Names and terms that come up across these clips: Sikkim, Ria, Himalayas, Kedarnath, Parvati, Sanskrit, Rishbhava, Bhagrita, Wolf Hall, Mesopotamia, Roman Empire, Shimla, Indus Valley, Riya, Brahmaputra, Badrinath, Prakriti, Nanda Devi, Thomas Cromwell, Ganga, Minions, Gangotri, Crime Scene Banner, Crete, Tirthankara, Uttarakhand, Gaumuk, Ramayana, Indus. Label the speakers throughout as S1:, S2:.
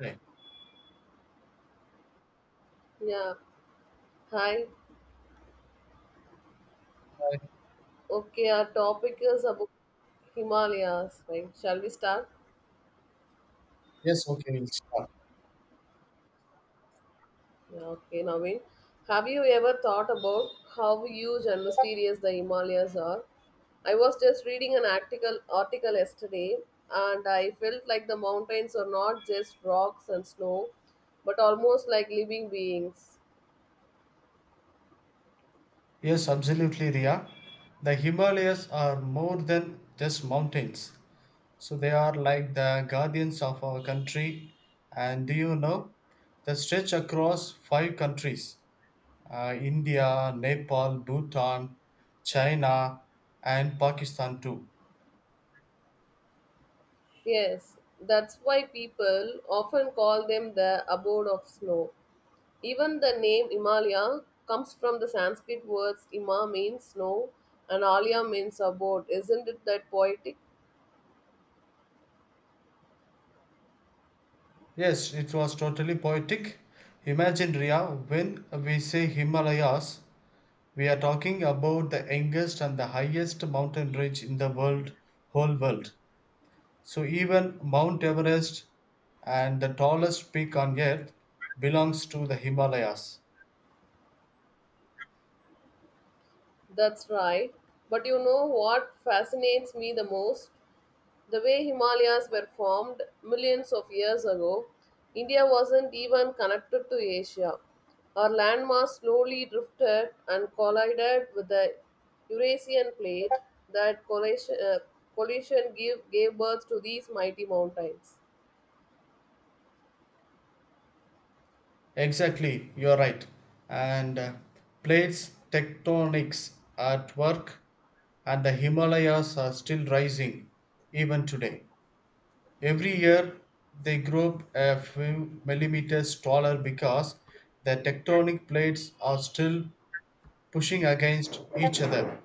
S1: Right.
S2: Yeah. Hi.
S1: Uh,
S2: Okay, our topic is about Himalayas, right? Shall we start?
S1: Yes, okay, we'll start.
S2: Yeah, okay, Naveen. Have you ever thought about how huge and mysterious the Himalayas are? I was just reading an article yesterday, and I felt like the mountains are not just rocks and snow, but almost like living beings.
S1: Yes, absolutely, Ria. The Himalayas are more than just mountains. So they are like the guardians of our country. And do you know, they stretch across five countries India, Nepal, Bhutan, China, and Pakistan too.
S2: Yes, that's why people often call them the abode of snow. Even the name Himalaya comes from the Sanskrit words Ima means snow and Alya means abode. Isn't it that poetic?
S1: Yes, it was totally poetic. Imagine, Ria, when we say Himalayas, we are talking about the youngest and the highest mountain ridge in the world, whole world. So even Mount Everest and the tallest peak on earth belongs to the Himalayas.
S2: That's right. But you know what fascinates me the most? The way Himalayas were formed millions of years ago. India wasn't even connected to Asia. Our landmass slowly drifted and collided with the Eurasian plate. That collision gave birth to these mighty mountains.
S1: Exactly, you're right. And Plates tectonics at work and the Himalayas are still rising even today. Every year they grow a few millimeters taller because the tectonic plates are still pushing against each other.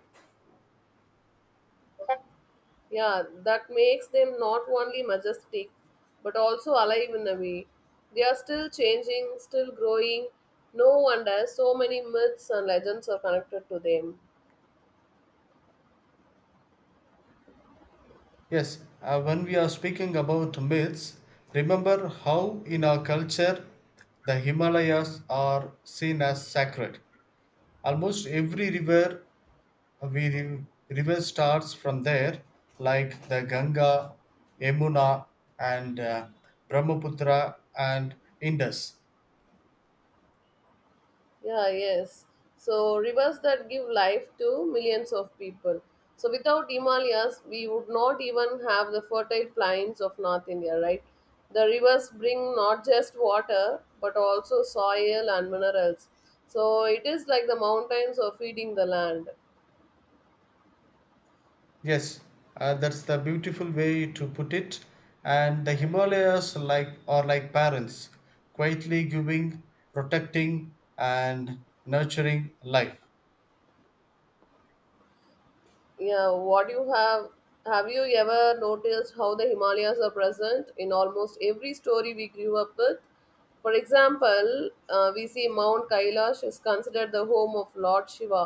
S2: Yeah, that makes them not only majestic but also alive in a way. They are still changing, still growing. No wonder so many myths and legends are connected to them.
S1: Yes, when we are speaking about myths, remember how in our culture the Himalayas are seen as sacred. Almost every river river starts from there, like the Ganga, Yamuna, and Brahmaputra and Indus.
S2: Yeah, yes. So, rivers that give life to millions of people. So, without Himalayas, we would not even have the fertile plains of North India, right? The rivers bring not just water but also soil and minerals. So, it is like the mountains are feeding the land.
S1: Yes, that's the beautiful way to put it. And the Himalayas like are like parents, quietly giving, protecting, and nurturing life.
S2: Yeah, what you have you ever noticed how the Himalayas are present in almost every story we grew up with? For example, we see Mount Kailash is considered the home of Lord Shiva.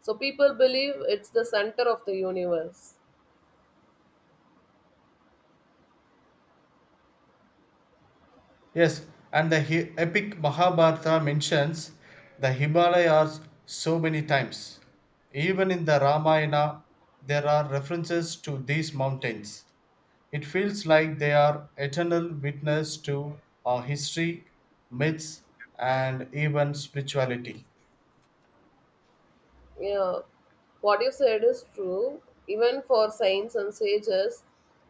S2: So people believe it's the center of the universe.
S1: Yes, and the epic Mahabharata mentions the Himalayas so many times. Even in the Ramayana, there are references to these mountains. It feels like they are eternal witness to our history, myths, and even spirituality.
S2: Yeah, what you said is true. Even for saints and sages,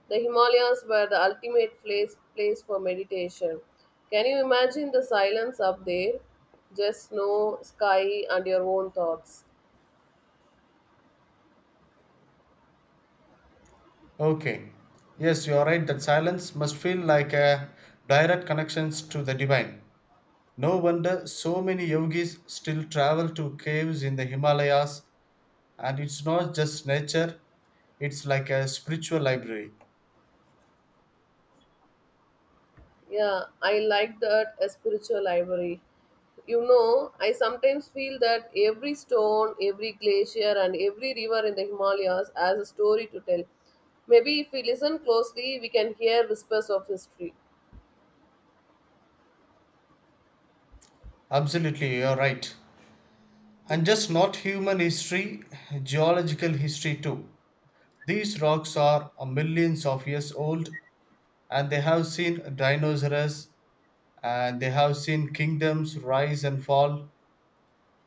S2: the Himalayas were the ultimate place for meditation. Can you imagine the silence up there? Just snow, sky, and your own thoughts.
S1: Okay, yes, you are right that silence must feel like a direct connections to the divine. No wonder so many yogis still travel to caves in the Himalayas, and it's not just nature, it's like a spiritual library.
S2: Yeah, I like that, a spiritual library. You know, I sometimes feel that every stone, every glacier, and every river in the Himalayas has a story to tell. Maybe if we listen closely, we can hear whispers of history.
S1: Absolutely, you're right. And just not human history, geological history too. These rocks are millions of years old and they have seen dinosaurs and they have seen kingdoms rise and fall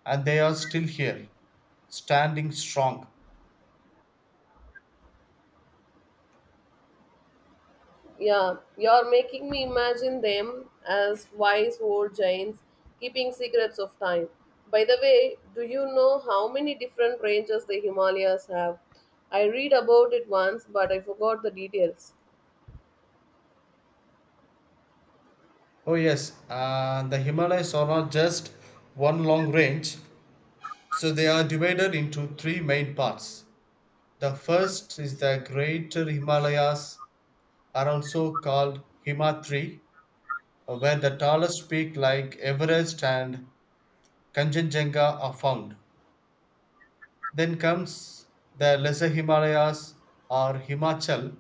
S1: and they are still here, standing strong.
S2: Yeah, you're making me imagine them as wise old giants keeping secrets of time. By the way, do you know how many different ranges the Himalayas have? I read about it once, but I forgot the details.
S1: Oh, yes, the Himalayas are not just one long range, so they are divided into three main parts. The first is the Greater Himalayas, are also called Himatri, where the tallest peak like Everest and Kanchenjunga are found. Then comes the lesser Himalayas or Himachal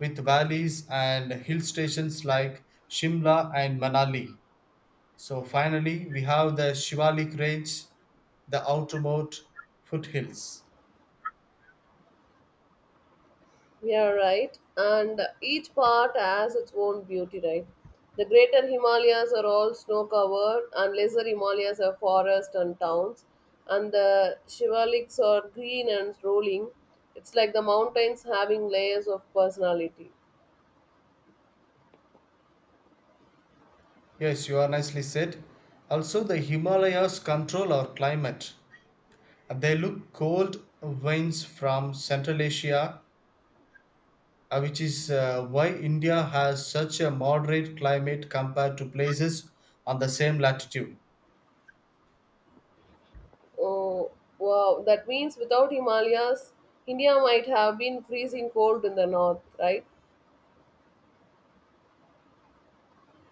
S1: with valleys and hill stations like Shimla and Manali. So finally we have the Shivalik range, the outermost foothills.
S2: Yeah, right. And each part has its own beauty, right? The greater Himalayas are all snow covered, and lesser Himalayas are forests and towns, and the Shivaliks are green and rolling. It's like the mountains having layers of personality.
S1: Yes, you are nicely said. Also the Himalayas control our climate. They look cold winds from Central Asia which is why India has such a moderate climate compared to places on the same latitude.
S2: Oh, wow. That means without Himalayas, India might have been freezing cold in the north, right?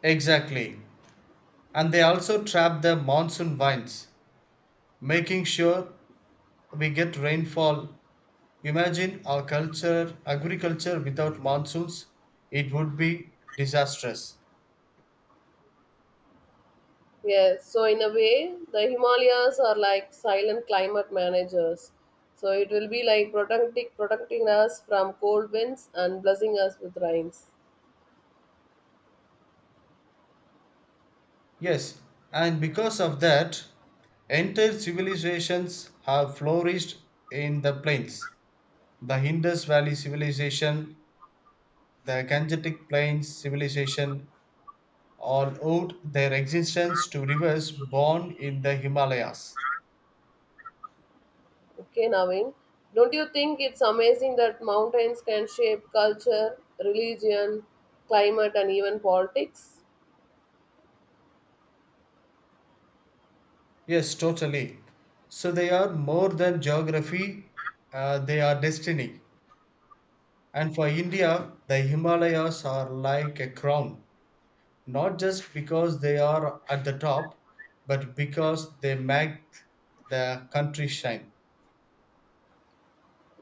S1: Exactly. And they also trap the monsoon winds, making sure we get rainfall. Imagine our culture, agriculture without monsoons, it would be disastrous.
S2: Yes, so in a way, the Himalayas are like silent climate managers. So it will be like protecting us from cold winds and blessing us with rains.
S1: Yes, and because of that, entire civilizations have flourished in the plains. The Indus Valley civilization. The Gangetic Plains civilization all owed their existence to rivers born in the Himalayas.
S2: Okay, Naveen, don't you think it's amazing that mountains can shape culture, religion, climate, and even politics?
S1: Yes, totally. So they are more than geography, they are destiny. And for India, the Himalayas are like a crown, not just because they are at the top, but because they make the country shine.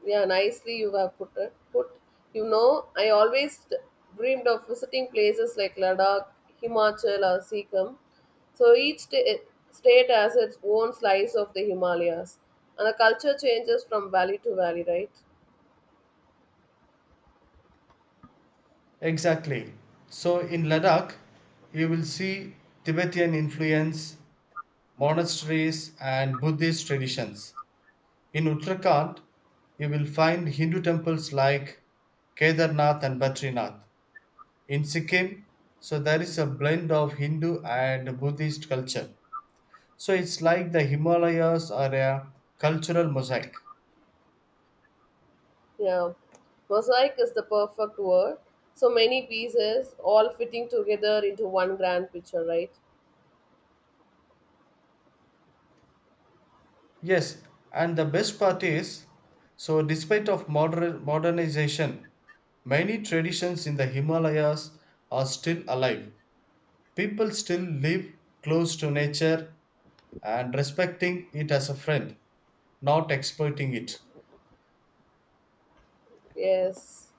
S2: Yeah, nicely you have put it. Put You know, I always dreamed of visiting places like Ladakh, Himachal, or Sikkim. So each state has its own slice of the Himalayas, and the culture changes from valley to valley, right?
S1: Exactly. So in Ladakh, you will see Tibetan influence monasteries and Buddhist traditions. In Uttarakhand, you will find Hindu temples like Kedarnath and Badrinath. In Sikkim, so there is a blend of Hindu and Buddhist culture. So it's like the Himalayas are a cultural mosaic.
S2: Yeah, mosaic is the perfect word. So many pieces all fitting together into one grand picture, right?
S1: Yes, and the best part is, so despite of modernization, many traditions in the Himalayas are still alive. People still live close to nature and respecting it as a friend, not exploiting it.
S2: Yes,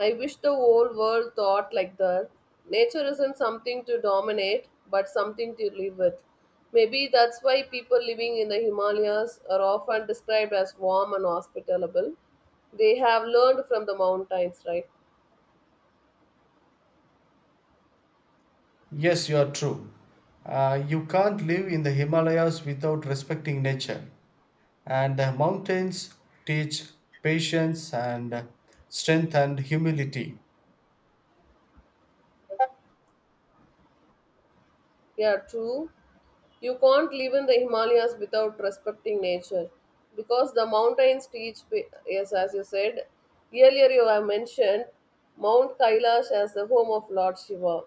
S2: I wish the whole world thought like that. Nature isn't something to dominate, but something to live with. Maybe that's why people living in the Himalayas are often described as warm and hospitable. They have learned from the mountains, right?
S1: Yes, you are true. You can't live in the Himalayas without respecting nature, and the mountains teach patience and strength and humility.
S2: Yeah, true. You can't live in the Himalayas without respecting nature, because the mountains teach, yes, as you said earlier, you have mentioned Mount Kailash as the home of Lord Shiva.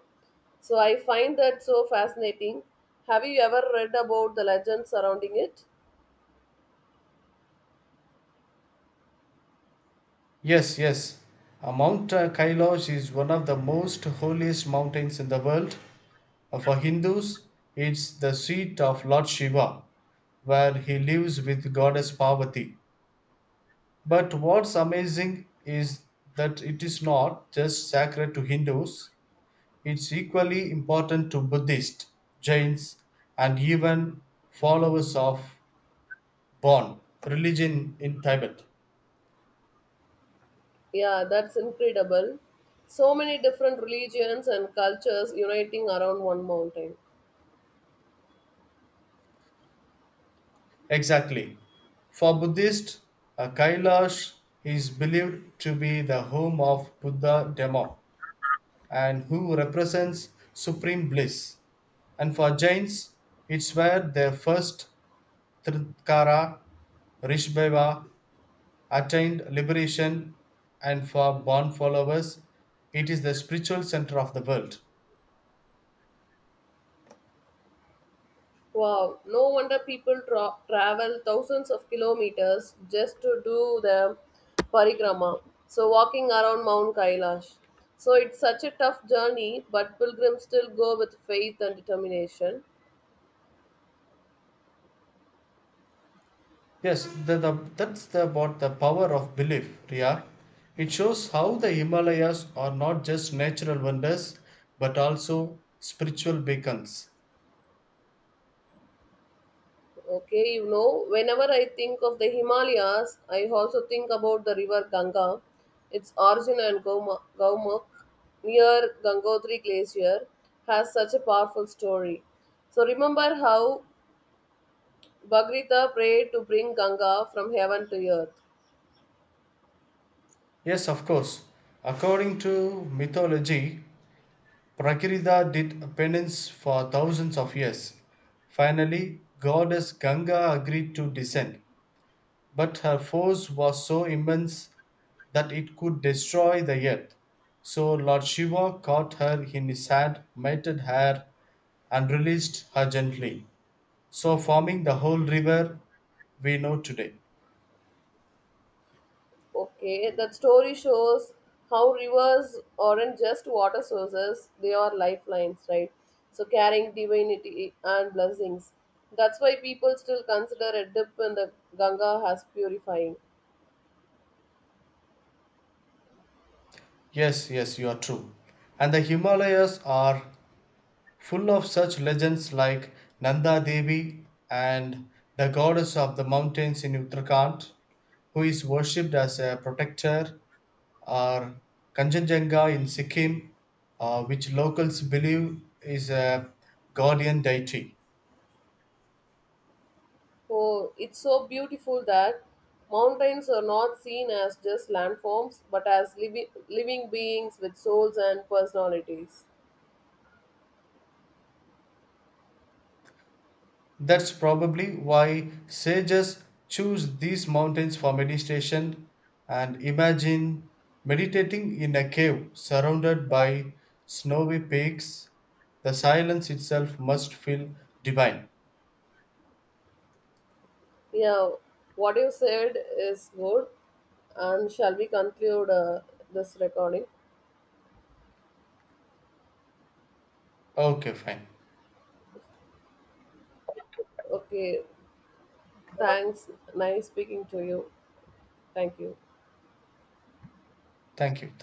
S2: So I find that so fascinating. Have you ever read about the legends surrounding it?
S1: Yes, yes. Mount Kailash is one of the most holiest mountains in the world. For Hindus, it's the seat of Lord Shiva, where he lives with goddess Parvati. But what's amazing is that it is not just sacred to Hindus, it's equally important to Buddhists, Jains, and even followers of Bon religion in Tibet.
S2: Yeah, that's incredible. So many different religions and cultures uniting around one mountain.
S1: Exactly. For Buddhists, Kailash is believed to be the home of Buddha Demo and who represents supreme bliss. And for Jains, it's where their first Tirthankara Rishbhava attained liberation, and for Bon followers, it is the spiritual center of the world.
S2: Wow, no wonder people travel thousands of kilometers just to do the parikrama. So, walking around Mount Kailash. So, it's such a tough journey, but pilgrims still go with faith and determination.
S1: That's about the power of belief, Riya. It shows how the Himalayas are not just natural wonders but also spiritual beacons.
S2: Okay, you know, whenever I think of the Himalayas, I also think about the river Ganga, its origin and Gaumuk near Gangotri Glacier has such a powerful story. So remember how Bhagrita prayed to bring Ganga from heaven to earth.
S1: Yes, of course. According to mythology, Prakriti did penance for thousands of years. Finally, goddess Ganga agreed to descend, but her force was so immense that it could destroy the earth. So Lord Shiva caught her in his hand, mated her, and released her gently. So, forming the whole river we know today.
S2: Okay, that story shows how rivers aren't just water sources, they are lifelines, right? So carrying divinity and blessings. That's why people still consider a dip in the Ganga as purifying.
S1: Yes, yes, you are true. And the Himalayas are full of such legends like Nanda Devi and the goddess of the mountains in Uttarakhand, who is worshipped as a protector, or Kanchenjunga in Sikkim, which locals believe is a guardian deity.
S2: Oh, it's so beautiful that mountains are not seen as just landforms but as living beings with souls and personalities.
S1: That's probably why sages choose these mountains for meditation and imagine meditating in a cave surrounded by snowy peaks. The silence itself must feel divine.
S2: Yeah, what you said is good. And shall we conclude this recording?
S1: Okay, fine.
S2: Okay, thanks. Nice speaking to you. Thank you.
S1: Thank you. Thank you.